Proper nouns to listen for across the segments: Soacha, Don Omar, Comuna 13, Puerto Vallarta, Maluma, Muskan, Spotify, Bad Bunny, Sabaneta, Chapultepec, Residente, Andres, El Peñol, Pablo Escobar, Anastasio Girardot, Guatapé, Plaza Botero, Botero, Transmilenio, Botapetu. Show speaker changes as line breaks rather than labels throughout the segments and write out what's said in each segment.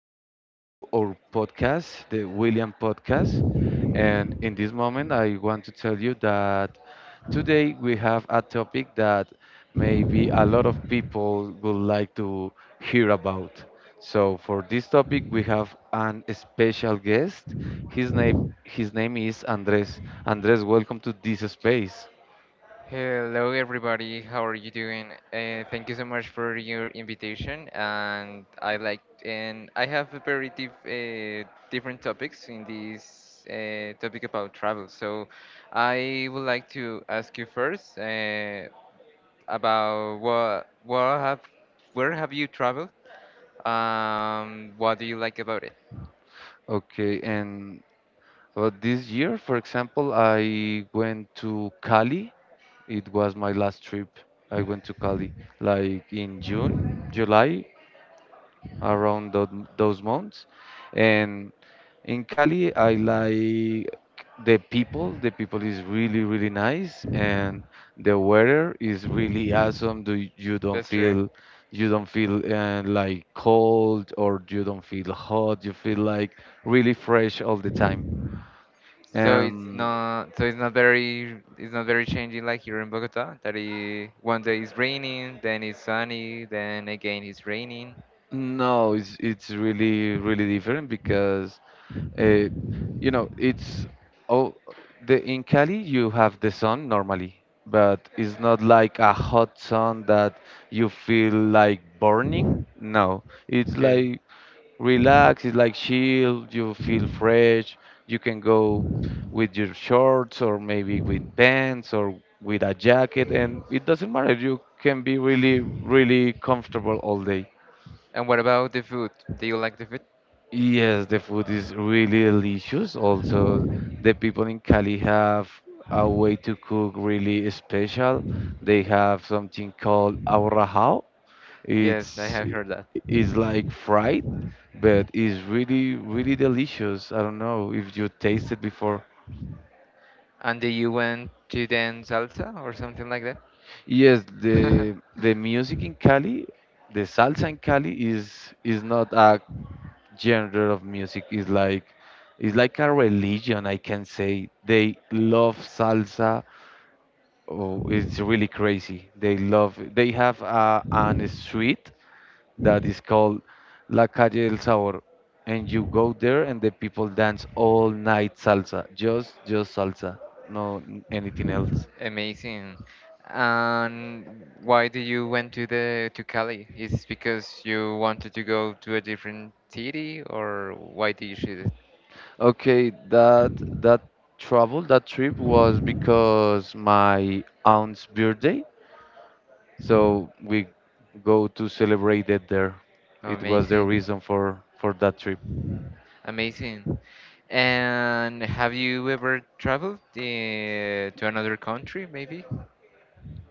Welcome to our podcast, the William Podcast. And in this moment, I want to tell you that today we have a topic that maybe a lot of people would like to hear about. So, for this topic, we have an special guest. His name is Andres. Andres, welcome to this space.
Hello, everybody. How are you doing? Thank you so much for your invitation. And I like and I have a different topics in this topic about travel. So I would like to ask you first about what have where have you traveled? What do you like about it?
Okay, and but this year, for example, I went to Cali. It was my last trip. I went to Cali like in June, July, around those months. And in Cali, I like the people. The people is really, really nice, and the weather is really awesome. Do
Bester?
you don't feel like cold or you don't feel hot. You feel like really fresh all the time. Um,
It's not very changing like here in Bogota that, it, one day it's raining, then it's sunny, then again it's raining.
No, it's really really different because uh, you know it's oh the in Cali you have the sun normally, but it's not like a hot sun that you feel like burning. No, it's
Okay.
like relax, it's like chill, you feel fresh, you can go with your shorts or maybe with pants or with a jacket and it doesn't matter. You can be really really comfortable all day.
And what about the food? Do you like the food?
Yes, the food is really delicious. Also, the people in Cali have a way to cook really special. They have something called aurajao.
Yes, I
It's
have
i-
heard that.
it's like fried, but it's really really delicious. I don't know if you tasted before.
And do you went to dance salsa or something like that?
Yes, the the music in Cali, the salsa in Cali is not a genre of music, is like it's like a religion. I can say they love salsa. Oh, it's really crazy. They love, they have a, an street that is called la calle del sabor, and you go there and the people dance all night salsa, just salsa, no anything else.
Amazing. And why do you went to the to Cali? Is because you wanted to go to a different city, or why did you choose it?
Okay, that travel, that trip was because my aunt's birthday. So we go to celebrate it there. It was the
Amazing.
reason for that trip.
Amazing. And have you ever traveled to another country, maybe?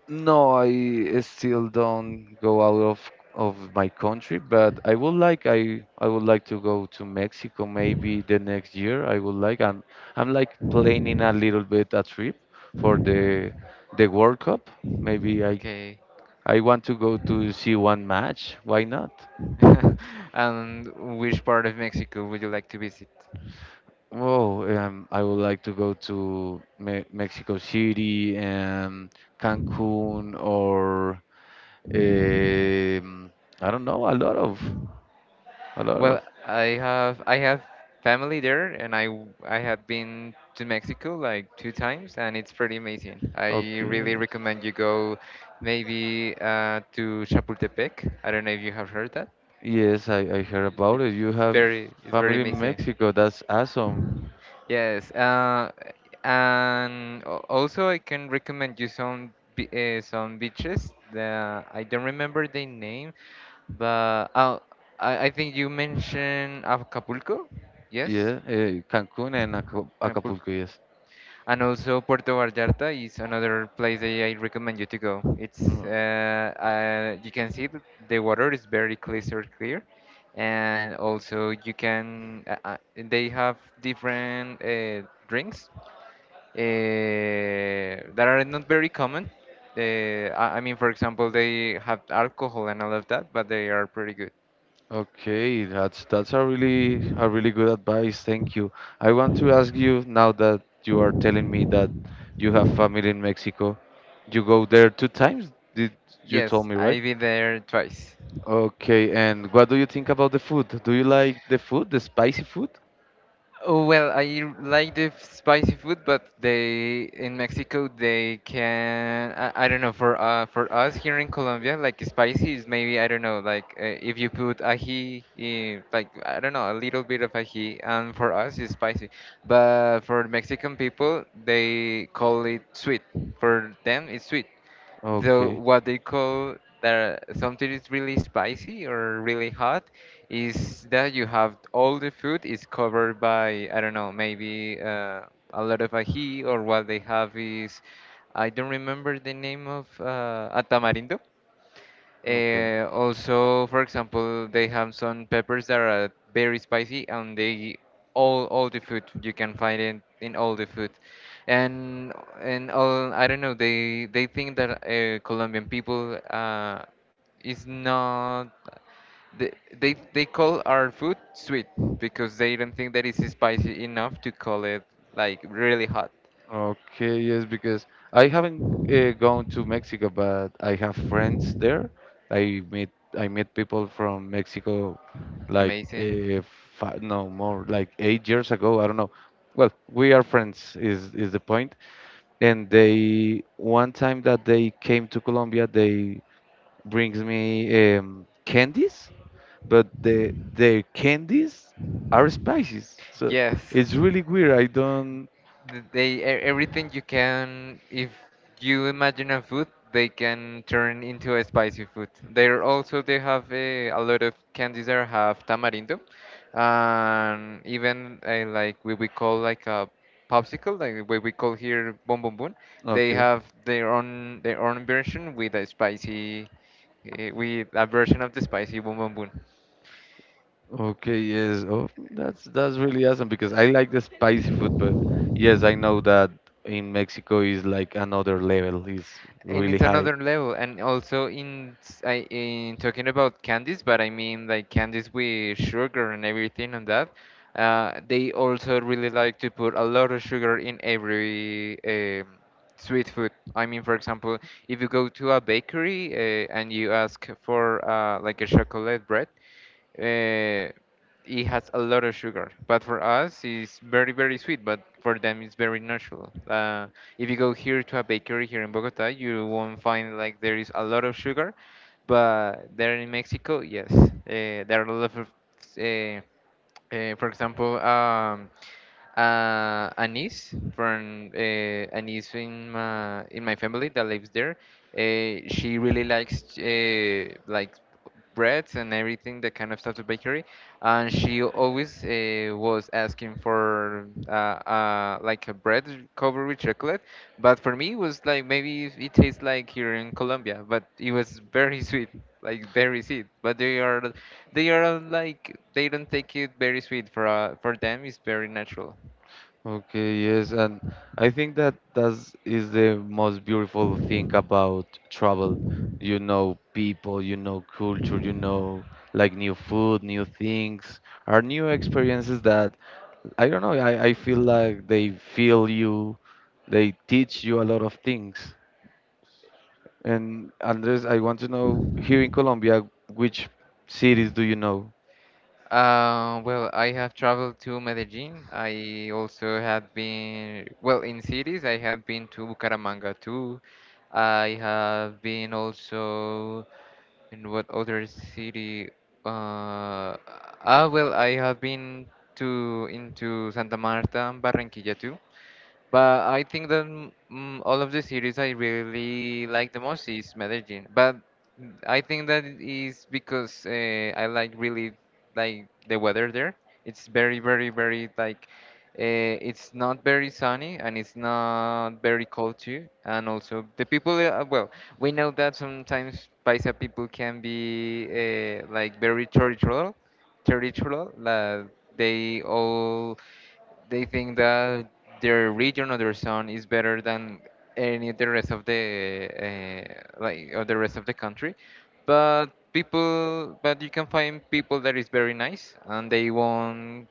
No, I still don't go out of my country, but I would like, I would like to go to Mexico maybe the next year. I would like, I'm like planning a little bit a trip for the World Cup. Maybe I
Okay.
I want to go to see one match. Why not?
And which part of Mexico would you like to visit?
Oh, I would like to go to Me Mexico City and Cancun, or um, I don't know, a lot of, a lot
Well,
of.
I have family there, and I have been to Mexico like two times, and it's pretty amazing. I
Okay.
really recommend you go maybe to Chapultepec. I don't know if you have heard that.
Yes, I heard about it. You have
It's very
family in
amazing.
Mexico. That's awesome.
Yes, and also I can recommend you some beaches. The I don't remember the name, but oh, I think you mentioned Acapulco. Yes,
Yeah, Cancun and Acapulco, yes.
and also Puerto Vallarta is another place that I recommend you to go. It's
Mm.
you can see that the water is clear, and also you can they have different drinks uh, that are not very common. I mean, for example, they have alcohol and all of that, but they are pretty good.
Okay, that's a really, a really good advice. Thank you. I want to ask you now that you are telling me that you have family in Mexico. You go there two times, did you told
Yes,
me, right?
I've been there twice.
Okay, and what do you think about the food? Do you like the food, the spicy food?
Oh, well, like the spicy food, but they in Mexico they can I don't know. For for us here in Colombia, like, spicy is maybe I don't know, like, if you put ají in, like, I don't know, a little bit of ají, and for us it's spicy, but for Mexican people they call it sweet. For them it's sweet. The
Okay.
what they call that something is really spicy or really hot is that you have all the food is covered by I don't know, maybe a lot of ají, or what they have is I don't remember the name of a tamarindo.
Okay.
Also, for example, they have some peppers that are very spicy, and they all the food you can find it in all the food, and and all I don't know. They think that Colombian people is not. They, they they call our food sweet because they don't think that it's spicy enough to call it like really hot.
Okay, yes, because I haven't gone to Mexico, but I have friends there. I meet I met people from Mexico like
Amazing.
five, no, more like 8 years ago. I don't know. Well, we are friends, is the point. And they, one time that they came to Colombia, they brings me candies, but the their candies are spices. So
Yes.
it's really weird. I don't.
They everything you can. If you imagine a food, they can turn into a spicy food. There also they have a lot of candies that have tamarindo, and even like we call like a popsicle, like what we call here boom boom boom, they
Okay.
have their own version with a spicy with a version of the spicy boom boom boom.
Okay, yes. Oh, that's really awesome because I like the spicy food, but yes, I know that in Mexico is like another level, is
And
really
it's
high.
another level, and also in talking about candies, but I mean like candies with sugar and everything. And that they also really like to put a lot of sugar in every sweet food. I mean, for example, if you go to a bakery and you ask for like a chocolate bread, uh, it has a lot of sugar. But for us, it's very, very sweet. But for them, it's very natural. If you go here to a bakery here in Bogota, you won't find like there is a lot of sugar. But there in Mexico, yes, there are a lot of, uh, for example, a niece from a niece in my family that lives there. She really likes like breads and everything, that kind of stuff, the bakery. And she always was asking for like a bread covered with chocolate. But for me, it was like maybe it it tastes like here in Colombia, but it was very sweet, like very sweet. But they are they don't take it very sweet for them. It's very natural.
Okay, yes, and I think that that's is the most beautiful thing about travel. You know people, you know culture, you know like new food, new things, are new experiences that I don't know, I feel like they feel you, they teach you a lot of things. And Andres, I want to know here in Colombia, which cities do you know?
Well, I have traveled to Medellin. I also have been, well, in cities, I have been to Bucaramanga too. I have been also in what other city? Uh, well, I have been to into Santa Marta and Barranquilla too. But I think that all of the series I really like the most is Medellin. But I think that is because I like really like the weather there. It's very like it's not very sunny and it's not very cold too. And also the people, well, we know that sometimes Paisa people can be like very territorial, territorial. Like they all they think that their region or their zone is better than any of the rest of the like or the rest of the country, but you can find people that is very nice and they won't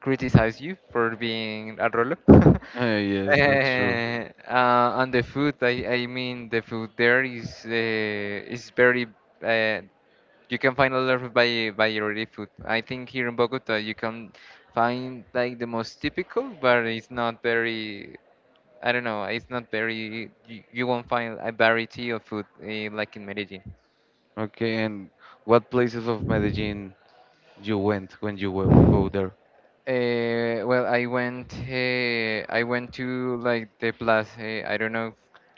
criticize you for being a roll.
Yes, that's true.
On the food, I mean, the food there is very uh, you can find a lot of by variety food. I think here in Bogota you can find like the most typical, but it's not very. I don't know. It's not very. You won't find a variety of food like in Medellin.
Okay, and what places of Medellin you went when you go there?
Well, I went to like the plaza. I don't know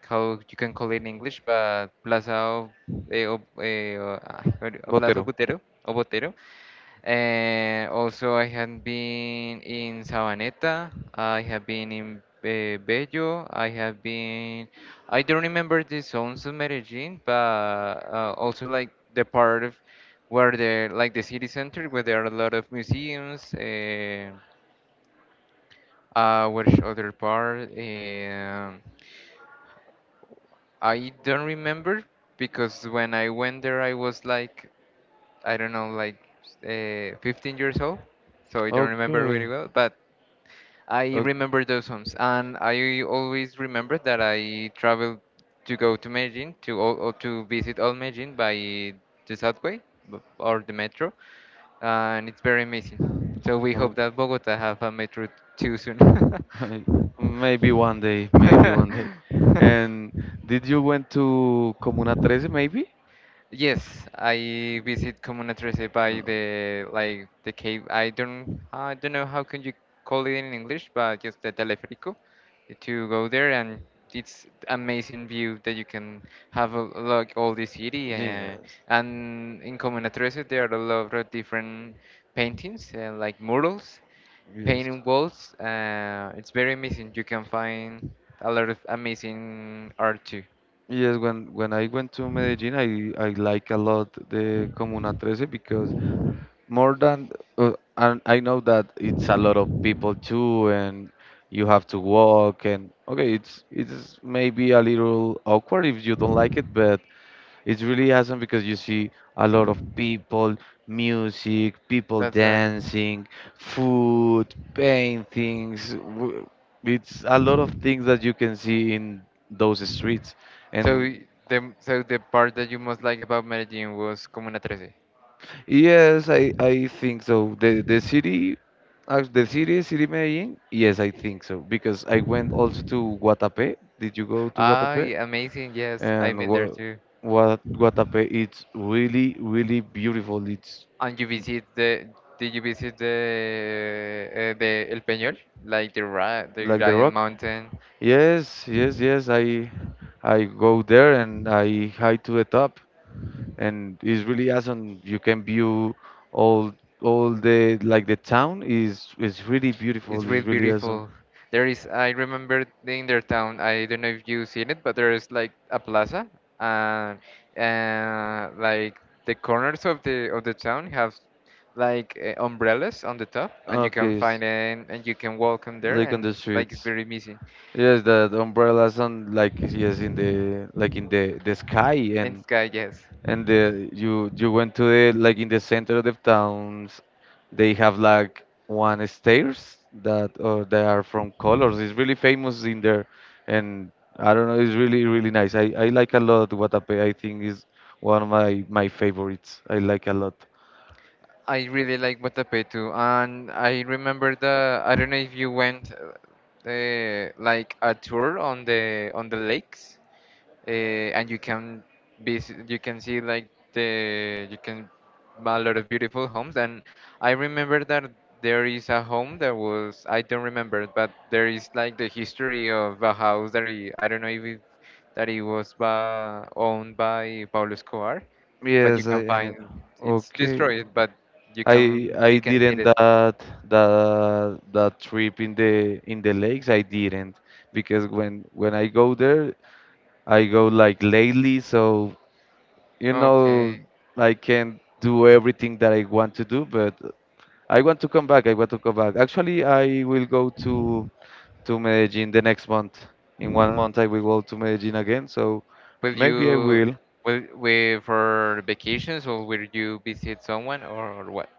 how you can call it in English, but Plaza of, Plaza
Botero.
Botero, o Botero. And also, I have been in Sabaneta. I have been in Bello. I have been. I don't remember the zones of Medellin, but also like the part of where the like the city center, where there are a lot of museums. Which other part? I don't remember because when I went there, I was like I don't know, like 15 years old, so I don't remember really
Okay.
well, but I
O-
remember those homes, and I always remember that I traveled to go to Medellin to all, or to visit all Medellin by the subway or the metro, and it's very amazing. So we hope
o-
that Bogota have a metro too soon.
Maybe one day, maybe one day. And did you went to Comuna 13 maybe?
Yes, I visit Comuna 13 by
No.
the like the cave. I don't know how can you call it in English, but just the teleférico to go there, and it's amazing view that you can have a look all the city
Yes.
and in Comuna 13 there are a lot of different paintings like murals,
Yes.
painting walls. It's very amazing. You can find a lot of amazing art too.
Yes, when I went to Medellin, I like a lot the Comuna 13 because more than uh, and I know that it's a lot of people too, and you have to walk and okay, it's maybe a little awkward if you don't like it, but it's really awesome because you see a lot of people, music, people
That's right.
dancing, food, paintings, it's a lot of things that you can see in those streets
So
and
the part that you most like about Medellin was Comuna 13.
yes, I think so. The city, the city, city Medellin. Yes, I think so because I went also to Guatapé. Did you go to
Ah,
Guatapé?
yeah, amazing. Yes, I've
And
been there too.
what Guatapé? It's really really beautiful. It's
And you visit the Did you visit the El Peñol, like the ra the
like the
giant
rock.
mountain?
Yes, yes, yes. I go there and I hike to the top, and it's really awesome. You can view all all the, like, the town is really
It's
beautiful. It's
really
really awesome.
beautiful. There is, I remember in their town, I don't know if you've seen it, but there is like a plaza, and like the corners of the town have like umbrellas on the top, and you can
Okay,
find it, and you can walk on there,
like on the
and like it's
streets.
very amazing.
Yes, that umbrellas on, like, yes, in the like in the sky,
In the sky, yes.
and the, you went to the, like, in the center of the towns. They have like one stairs that, or they are from colors. It's really famous in there, and I don't know. It's really really nice. I like a lot Guatapé. I think is one of my my favorites. I like a lot.
I really like Botapetu, and I remember the. I don't know if you went, like a tour on the lakes, and you can be you can see like the you can a lot of beautiful homes, and I remember that there is a home that was I don't remember, but there is like the history of a house that he, I don't know if it, that it was by, owned by Pablo Escobar, but you
Yes, I,
can
and
find
it,
it's
okay.
destroyed, but
I I
you can see
didn't
it.
that, that that trip in the lakes. I didn't because when I go there, I go like lately, so you know
Okay.
I can do everything that I want to do. But I want to come back. I want to come back. Actually, I will go to Medellin the next month. In 1 month, I will go to Medellin again. So
Will
maybe I
you
will,
will we for vacations, or will you visit someone, or what?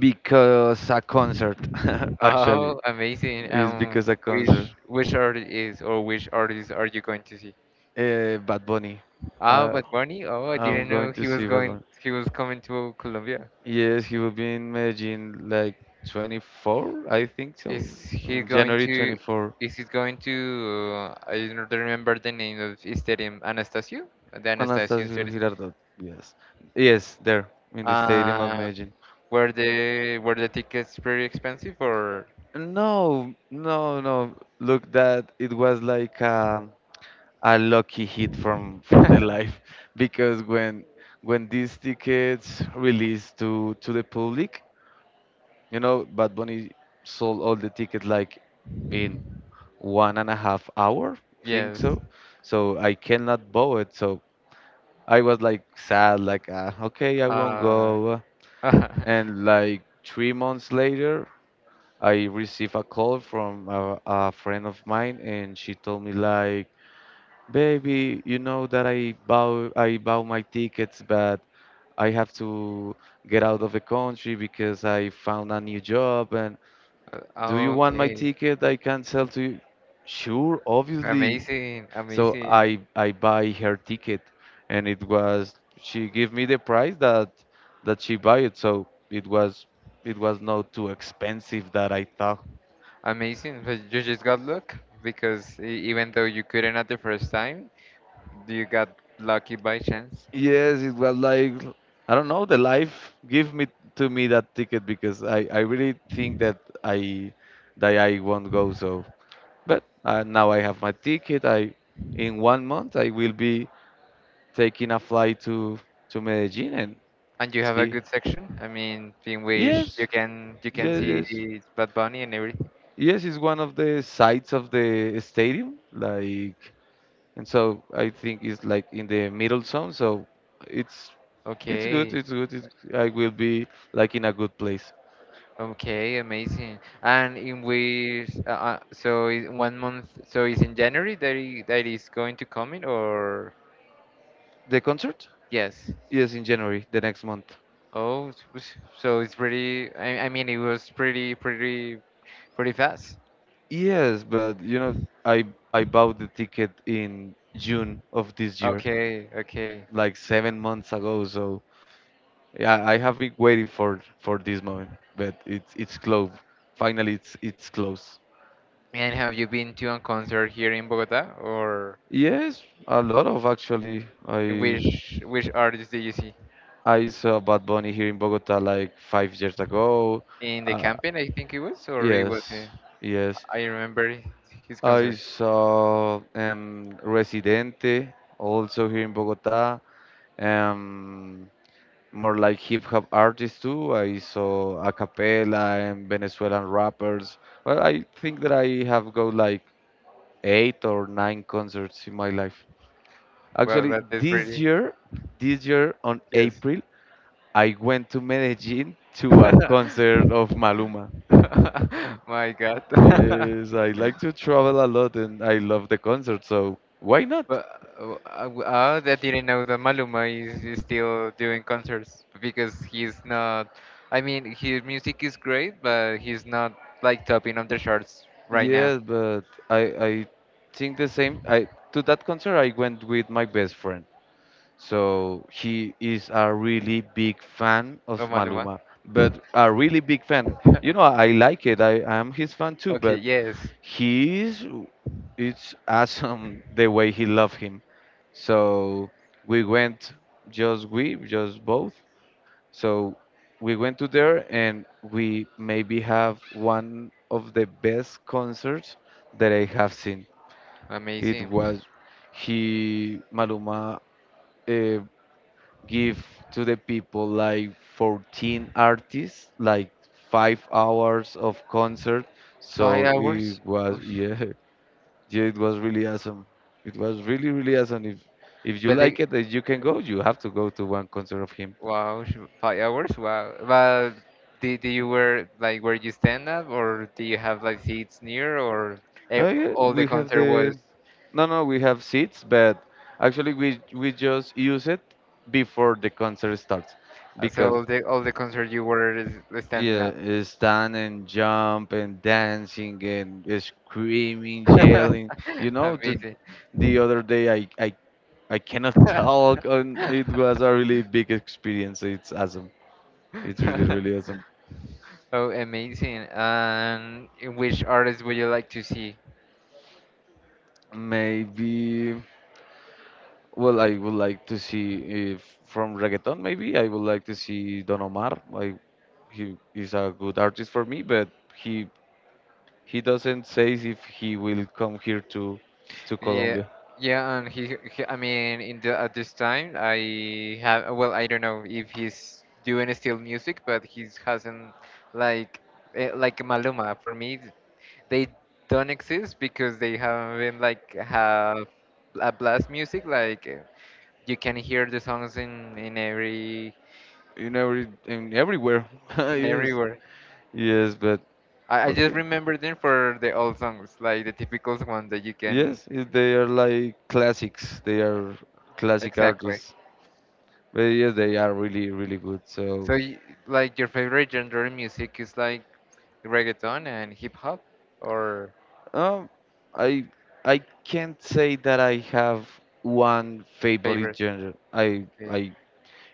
because a concert. Actually,
Oh, amazing.
it's because a concert.
Which artist is or which artist are you going to see?
Bad Bunny.
Ah,
Uh,
Bad Bunny? Oh, I
I'm
didn't
going
know
to see Bad Bunny.
he was coming to Colombia.
Yes, he will be in Medellin like 24, I think so.
Is he
Um,
going
January
to
24.
is he going to I don't remember the name of his stadium, Anastasio? The Anastasio
Anastasio
stadium.
Girardot. Yes. Yes, there in the stadium of
Uh,
Medellin.
were the tickets pretty expensive or?
No, no, no. Look, that it was like a lucky hit from the life because when these tickets released to the public, you know, Bad Bunny sold all the tickets like in one and a half hour, think
Yes.
so. So I cannot bow it. So I was like sad, like okay, I won't
Uh,
go. And like 3 months later, I received a call from a friend of mine, and she told me like, baby, you know that I bow my tickets, but I have to get out of the country because I found a new job, and do you want my
okay.
ticket? I can sell to you. Sure, obviously.
Amazing,
So
amazing,
I buy her ticket, and it was, she gave me the price that that she buy it. So it was not too expensive that I thought.
amazing. But you just got luck because even though you couldn't at the first time, you got lucky by chance.
Yes, it was like I don't know. The life give me to me that ticket because I really think that I, that I won't go. So, but now I have my ticket. I, in 1 month I will be taking a flight to Medellin and
And you have a
see.
good section. I mean, in which
Yes,
you can
yes, yes,
see Bad Bunny and everything.
yes. It's one of the sides of the stadium, like, and so I think it's like in the middle zone. So it's it's good.
Okay.
It's good. It's, I will be like in a good place.
Okay, amazing. And in which, 1 month, so it's in January that that is going to come in, or
The concert?
yes?
Yes, in January, the next month.
Oh, so it's pretty. I mean, it was pretty, pretty, pretty fast.
Yes, but you know, I I bought the ticket in June of this year,
Okay, okay.
like 7 months ago. So yeah, I have been waiting for this moment, but it's close. Finally, it's close.
And have you been to a concert here in Bogota, or
Yes, a lot of, actually. I
which artist did you see?
I saw Bad Bunny here in Bogota like 5 years ago.
In the
Uh,
camping, I think it was, or it was
yes,
in.
yes.
I remember his
I
concert.
saw Residente also here in Bogota. Um, more like hip hop artists too. I saw a cappella and Venezuelan rappers. Well, I think that I have go like 8 or 9 concerts in my life.
Well,
Actually,
that is pretty.
this year on
Yes.
April, I went to Medellin to a concert of Maluma.
My God.
Yes, I like to travel a lot and I love the concert, so why not?
But I didn't know that Maluma is still doing concerts because he's not. I mean, his music is great, but he's not like topping of the charts right now.
Yes, but I think the same. I, to that concert I went with my best friend. So he is a really big fan
Oh,
of
Maluma.
Maluma, but a really big fan. You know, I like it. I am his fan too,
Okay,
but
yes.
he is, it's awesome the way he loved him, so we went, just we just both, so we went to there and we maybe have one of the best concerts that I have seen. It
Amazing.
was, he, Maluma, uh, give to the people like 14 artists, like 5 hours of concert,
Five
so
hours?
it was
Oof.
yeah. Yeah, it was really awesome. It was really, really awesome. If you
But the,
like it, if you can go, you have to go to one concert of him.
Wow, 5 hours. Wow. But did you were like where you stand up, or do you have like seats near, or
Oh
eh,
yeah,
all the
we have
concert
the
was
no, no, we have seats, but actually we just use it before the concert starts
so
because
all the concert you was standing
yeah,
up.
stand and jump and dancing and screaming, yelling. You know, to
Amazing.
The other day I cannot talk, and it was a really big experience. It's awesome. It's really, really awesome.
Oh, amazing. And which artist would you like to see?
Maybe, well, I would like to see if from reggaeton. Maybe I would like to see Don Omar. Like, he is a good artist for me, but he he doesn't say if he will come here to
Yeah,
Colombia.
yeah, and he I mean, in the at this time, I have, well, I don't know if he's doing still music, but he's hasn't like, like Maluma. For me, they don't exist because they haven't like have a blast music. Like you can hear the songs in every
In everywhere.
in
Yes.
everywhere.
Yes, but
I just
okay.
remember them for the old songs, like the typical ones that you can
Yes, they are like classics. They are classic
exactly.
artists. But yes, they are really, really good.
So,
So
y like your favorite genre of music is like reggaeton and hip hop, or
Um, I I can't say that I have one favorite
favorite?
genre.
Okay.
I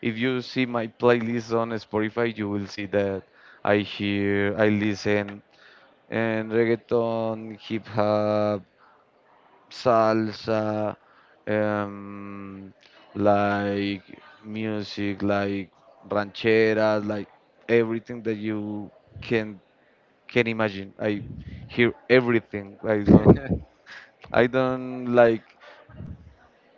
if you see my playlist on Spotify, you will see that I hear, I listen, and reggaeton, hip hop, salsa, um, like music, like rancheras, like everything that you can imagine. I hear everything. I don't. I don't like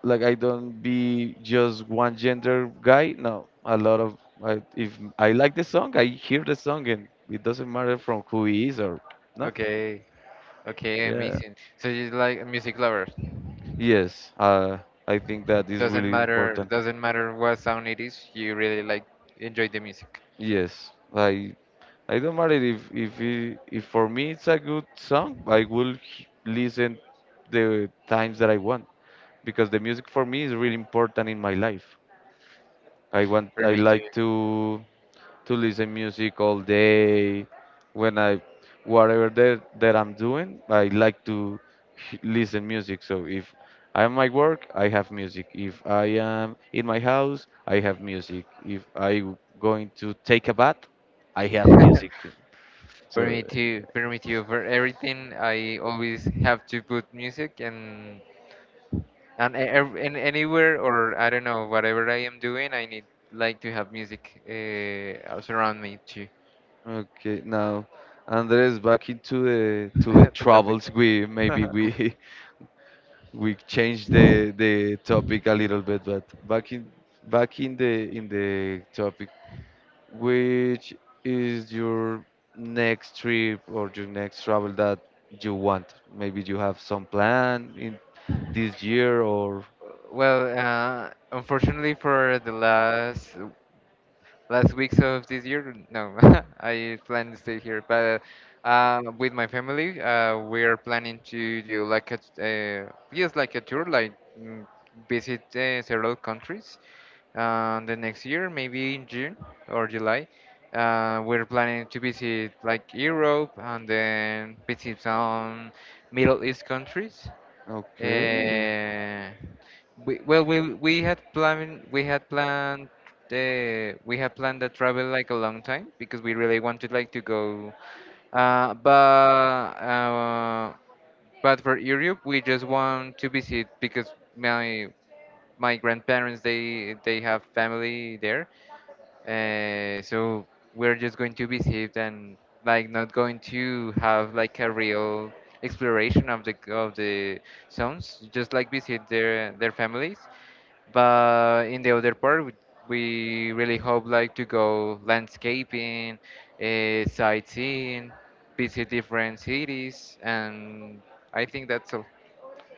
I don't be just one gender guy. No, a lot of. If I like the song, I hear the song, and it doesn't matter from who he is or nothing.
Okay. Okay.
Yeah.
Amazing. So you like a music lovers.
Yes. I think that is
Doesn't
really
matter.
important.
Doesn't matter what sound it is. You really like enjoy the music.
Yes. I don't matter if for me it's a good song, I will listen the times that I want, because the music for me is really important in my life.
For
I
me
like
too.
to listen music all day. When I whatever that I'm doing, I like to listen music. So if I'm at work, I have music. If I am in my house, I have music. If I going to take a bath, I have music. So
For me too. For me too. For everything, I always have to put music and and anywhere or I don't know whatever I am doing, I need like to have music surround me too.
okay, now, Andres, back into the
The topic.
troubles. We maybe we we changed the topic a little bit, but back in the topic. Which is your next trip or your next travel that you want? Maybe you have some plan in this year, or.
Well, unfortunately for the last weeks of this year. No, I plan to stay here, but with my family, we're planning to do like a yes, like a tour, like mm, visit several countries. The next year, maybe in June or July, we're planning to visit like Europe and then visit some Middle East countries.
Okay.
Uh, we, well, we we had planned we had planned we had planned the travel like a long time because we really wanted like to go, uh, but uh, but for Europe we just want to visit because my grandparents they have family there, so we're just going to visit and like not going to have like a real exploration of the zones, just like visit their families. But in the other part, we really hope like to go landscaping, sightseeing, visit different cities, and I think that's all.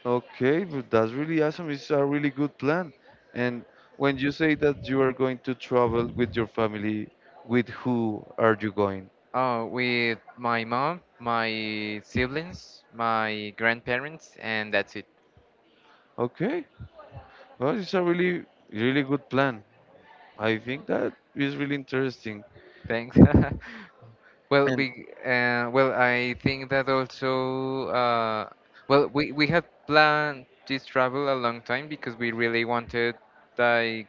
Okay, but that's really awesome. It's a really good plan. And when you say that you are going to travel with your family, with who are you going?
Oh, with my mom, my siblings, my grandparents, and that's it.
Okay. Well, it's a really, really good plan. I think that is really interesting.
Thanks. Well,
And
I think that also, we had planned this travel a long time because we really wanted like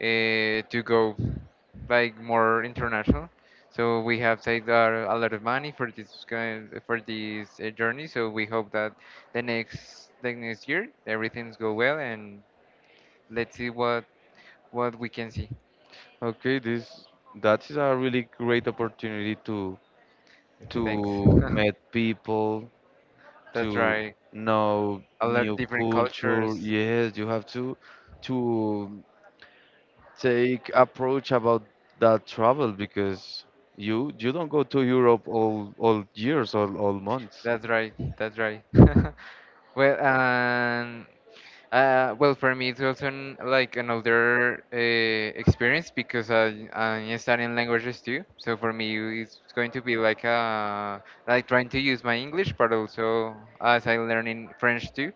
to go like more international. So we have saved a lot of money for this kind for this journey. So we hope that the next year everything's go well and let's see what we can see.
Okay, this that is a really great opportunity to
Thanks.
meet people,
That's
to
right.
know
A lot of
new
different
culture.
cultures.
Yes, you have to take approach about that travel, because you don't go to Europe all years all months.
That's right. That's right. Well, and for me, it's also like another experience because I'm studying languages too. So for me, it's going to be like trying to use my English, but also as I learning French too.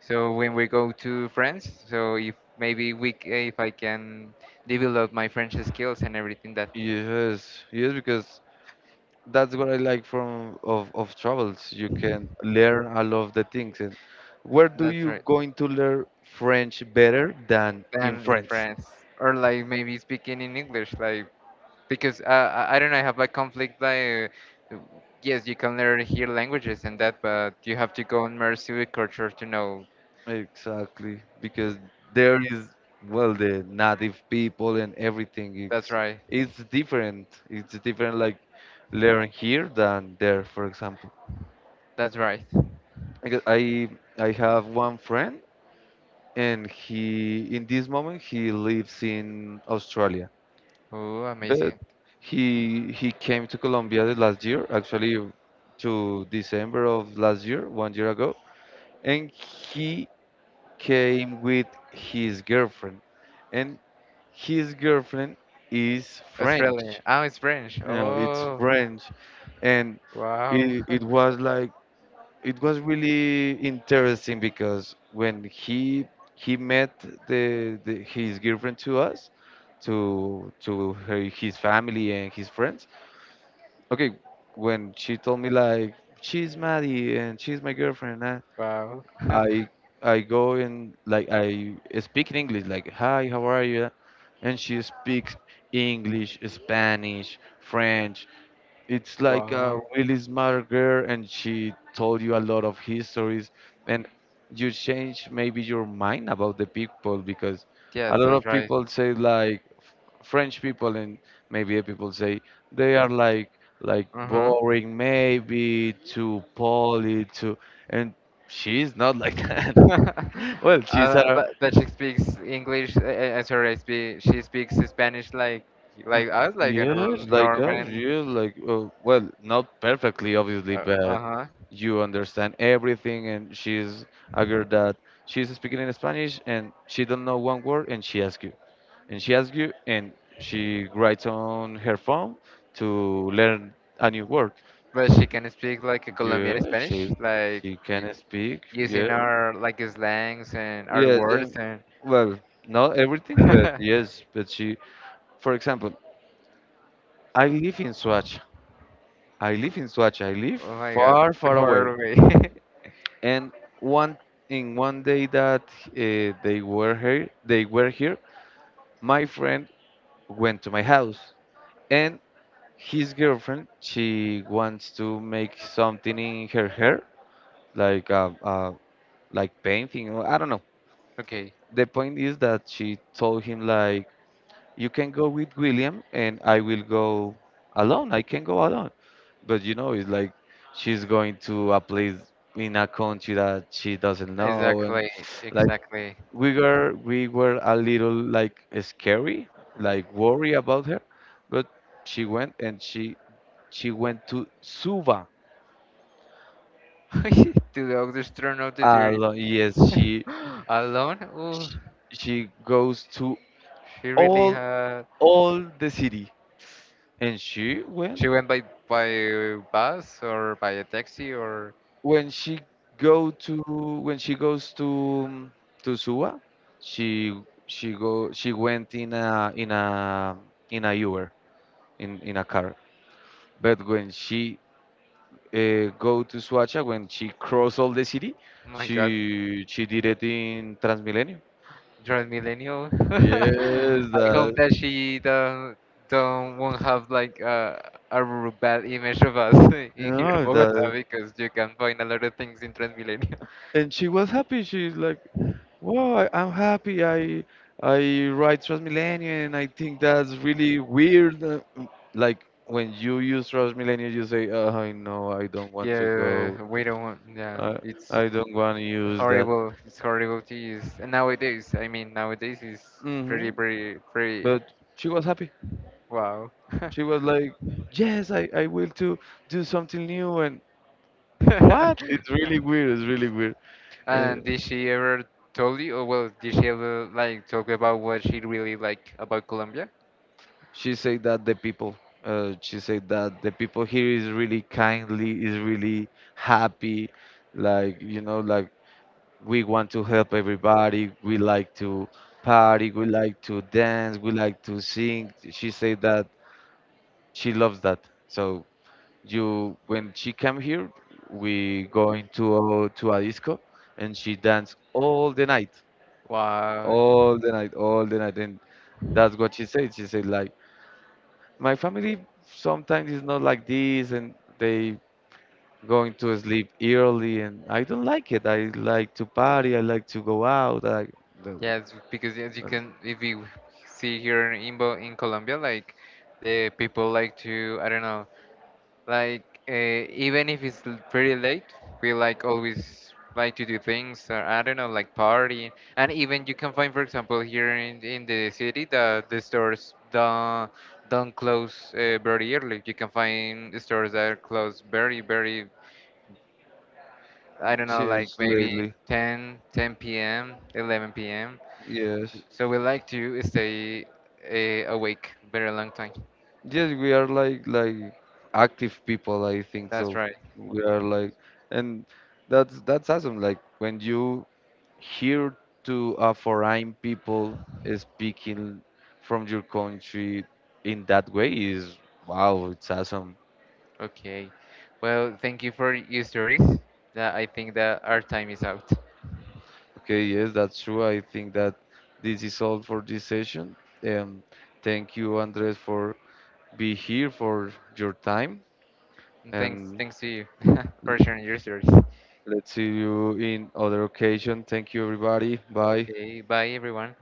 So when we go to France, so if maybe if I can develop my French skills and everything that
Yes, yes, because that's what I like of travels. You can learn a lot of the things. And where do
that's
you
right.
going to learn French better than in
Than in
France?
France, or like maybe speaking in English, like because I don't know, I have a conflict like. uh, Yes, you can learn here languages and that, but you have to go immerse with culture to know.
Exactly, because there is, well, the native people and everything.
That's
It's
right.
it's different. It's different, like learn here than there, for example.
That's right.
Because I have one friend, and he in this moment he lives in Australia.
Oh,
But
amazing.
he came to Colombia the last year, actually to December of last year, one year ago, and he came with his girlfriend, and his girlfriend is French.
Australia. Oh, it's French.
It's
Oh,
French, and
wow.
it, it was like, it was really interesting, because when he met the his girlfriend to us, to her, his family and his friends. Okay, when she told me like, she's Maddie and she's my girlfriend. uh,
Wow.
I I go, and like, I speak in English like, hi, how are you? And she speaks English, Spanish, French. It's like a
Wow.
really smart girl, and she told you a lot of histories, and you change maybe your mind about the people, because a
Yes,
lot
that's
of
right.
people say like french people, and maybe people say they are like
Uh-huh.
boring, maybe too poly too, and she's not like that. Well she's a
But she speaks English. Sorry, I speak. She speaks Spanish
Mm.
like us, like a
Yes, like us.
Norman.
Yes, like, well, not perfectly, obviously,
Uh
but
huh.
you understand everything. And she's a girl that she's speaking in Spanish, and she don't know one word, and she asks you, and she asks you, and she writes on her phone to learn a new word.
But she can speak like a Colombian
Yeah,
Spanish,
she
like
she can
u-
speak. Yeah,
using our like slangs and our
yes.
words and.
Well, not
Oh
everything, but yes, but she, for example, I live in Swatch, I live in Soacha. I live
my God,
far, far
far
away.
away.
And one one day that they were here, they were here. My friend went to my house, and his girlfriend, she wants to make something in her hair, like, painting, or I don't know.
Okay,
The point is that she told him like, you can go with William and I will go alone. I can go alone. But it's like she's going to a place in a country that she doesn't know, and
exactly,
like,
exactly.
we were a little like scary, like worry about her. But she went, and she went to Suva.
Two the just turn out the theory.
Yes, she
Alone? Ooh,
she goes to
she really
all
had.
all the city, and she went
She went by bus or by a taxi or
when she go to when she goes to Suwa. She she go she went in a Uber, in a car. But when she go to Suacha, when she cross all the city,
oh my God,
she did it in Transmilenio.
you're a millennial.
Yes,
I hope
that,
that she don't won't have like a bad image of us in here in
no,
Bogota
that,
because you can find a lot of things in Transmilenio.
and she was happy. She's like, well, I'm happy. I ride Transmilenio, and I think that's really weird. Like when you use Transmilenio, you say, oh, I know, I don't want to go.
Yeah, we don't want. Yeah,
I
it's
I don't want to use that.
horrible. It's horrible to use and nowadays. I mean, nowadays is
hmm
pretty pretty pretty
But she was happy.
wow.
She was like, yes, I will to do something new. And what? It's really weird. It's really weird. Uh,
And did she ever told you, or well, did she ever like talk about what she really like about Colombia?
She said that the people, she said that the people here is really kindly, is really happy. Like, like we want to help everybody. We like to party. We like to dance. We like to sing. She said that she loves that. So when she came here, we going to to a disco, and she danced all the night,
Wow.
all the night, all the night. And that's what she said. She said like, my family sometimes is not like this, and they going to sleep early, and I don't like it. I like to party. I like to go out. That,
Yes, because as you
that's,
can, if you see here in in Colombia, like the people like to, I don't know, like uh, even if it's pretty late, we like always like to do things. Or, I don't know, like party, and even you can find, for example, here in the city, that the stores don't close very early. You can find stores that are closed very very. I don't know, like
Yes,
maybe
lately.
10 p.m. 11 p.m.
Yes.
So we like to stay awake very long time.
Yes, we are like active people, I think
That's
so.
right.
We are like and that's awesome. Like when you hear to a foreign people speaking from your country in that way, is wow, it's awesome.
Okay. Well, thank you for your stories. That I think that our time is out.
Okay, yes, that's true. I think that this is all for this session. Um, thank you, Andres, for be here for your time,
And
and
thanks to you for sharing your stories.
let's see you in other occasion. Thank you, everybody. Bye.
Okay, bye everyone.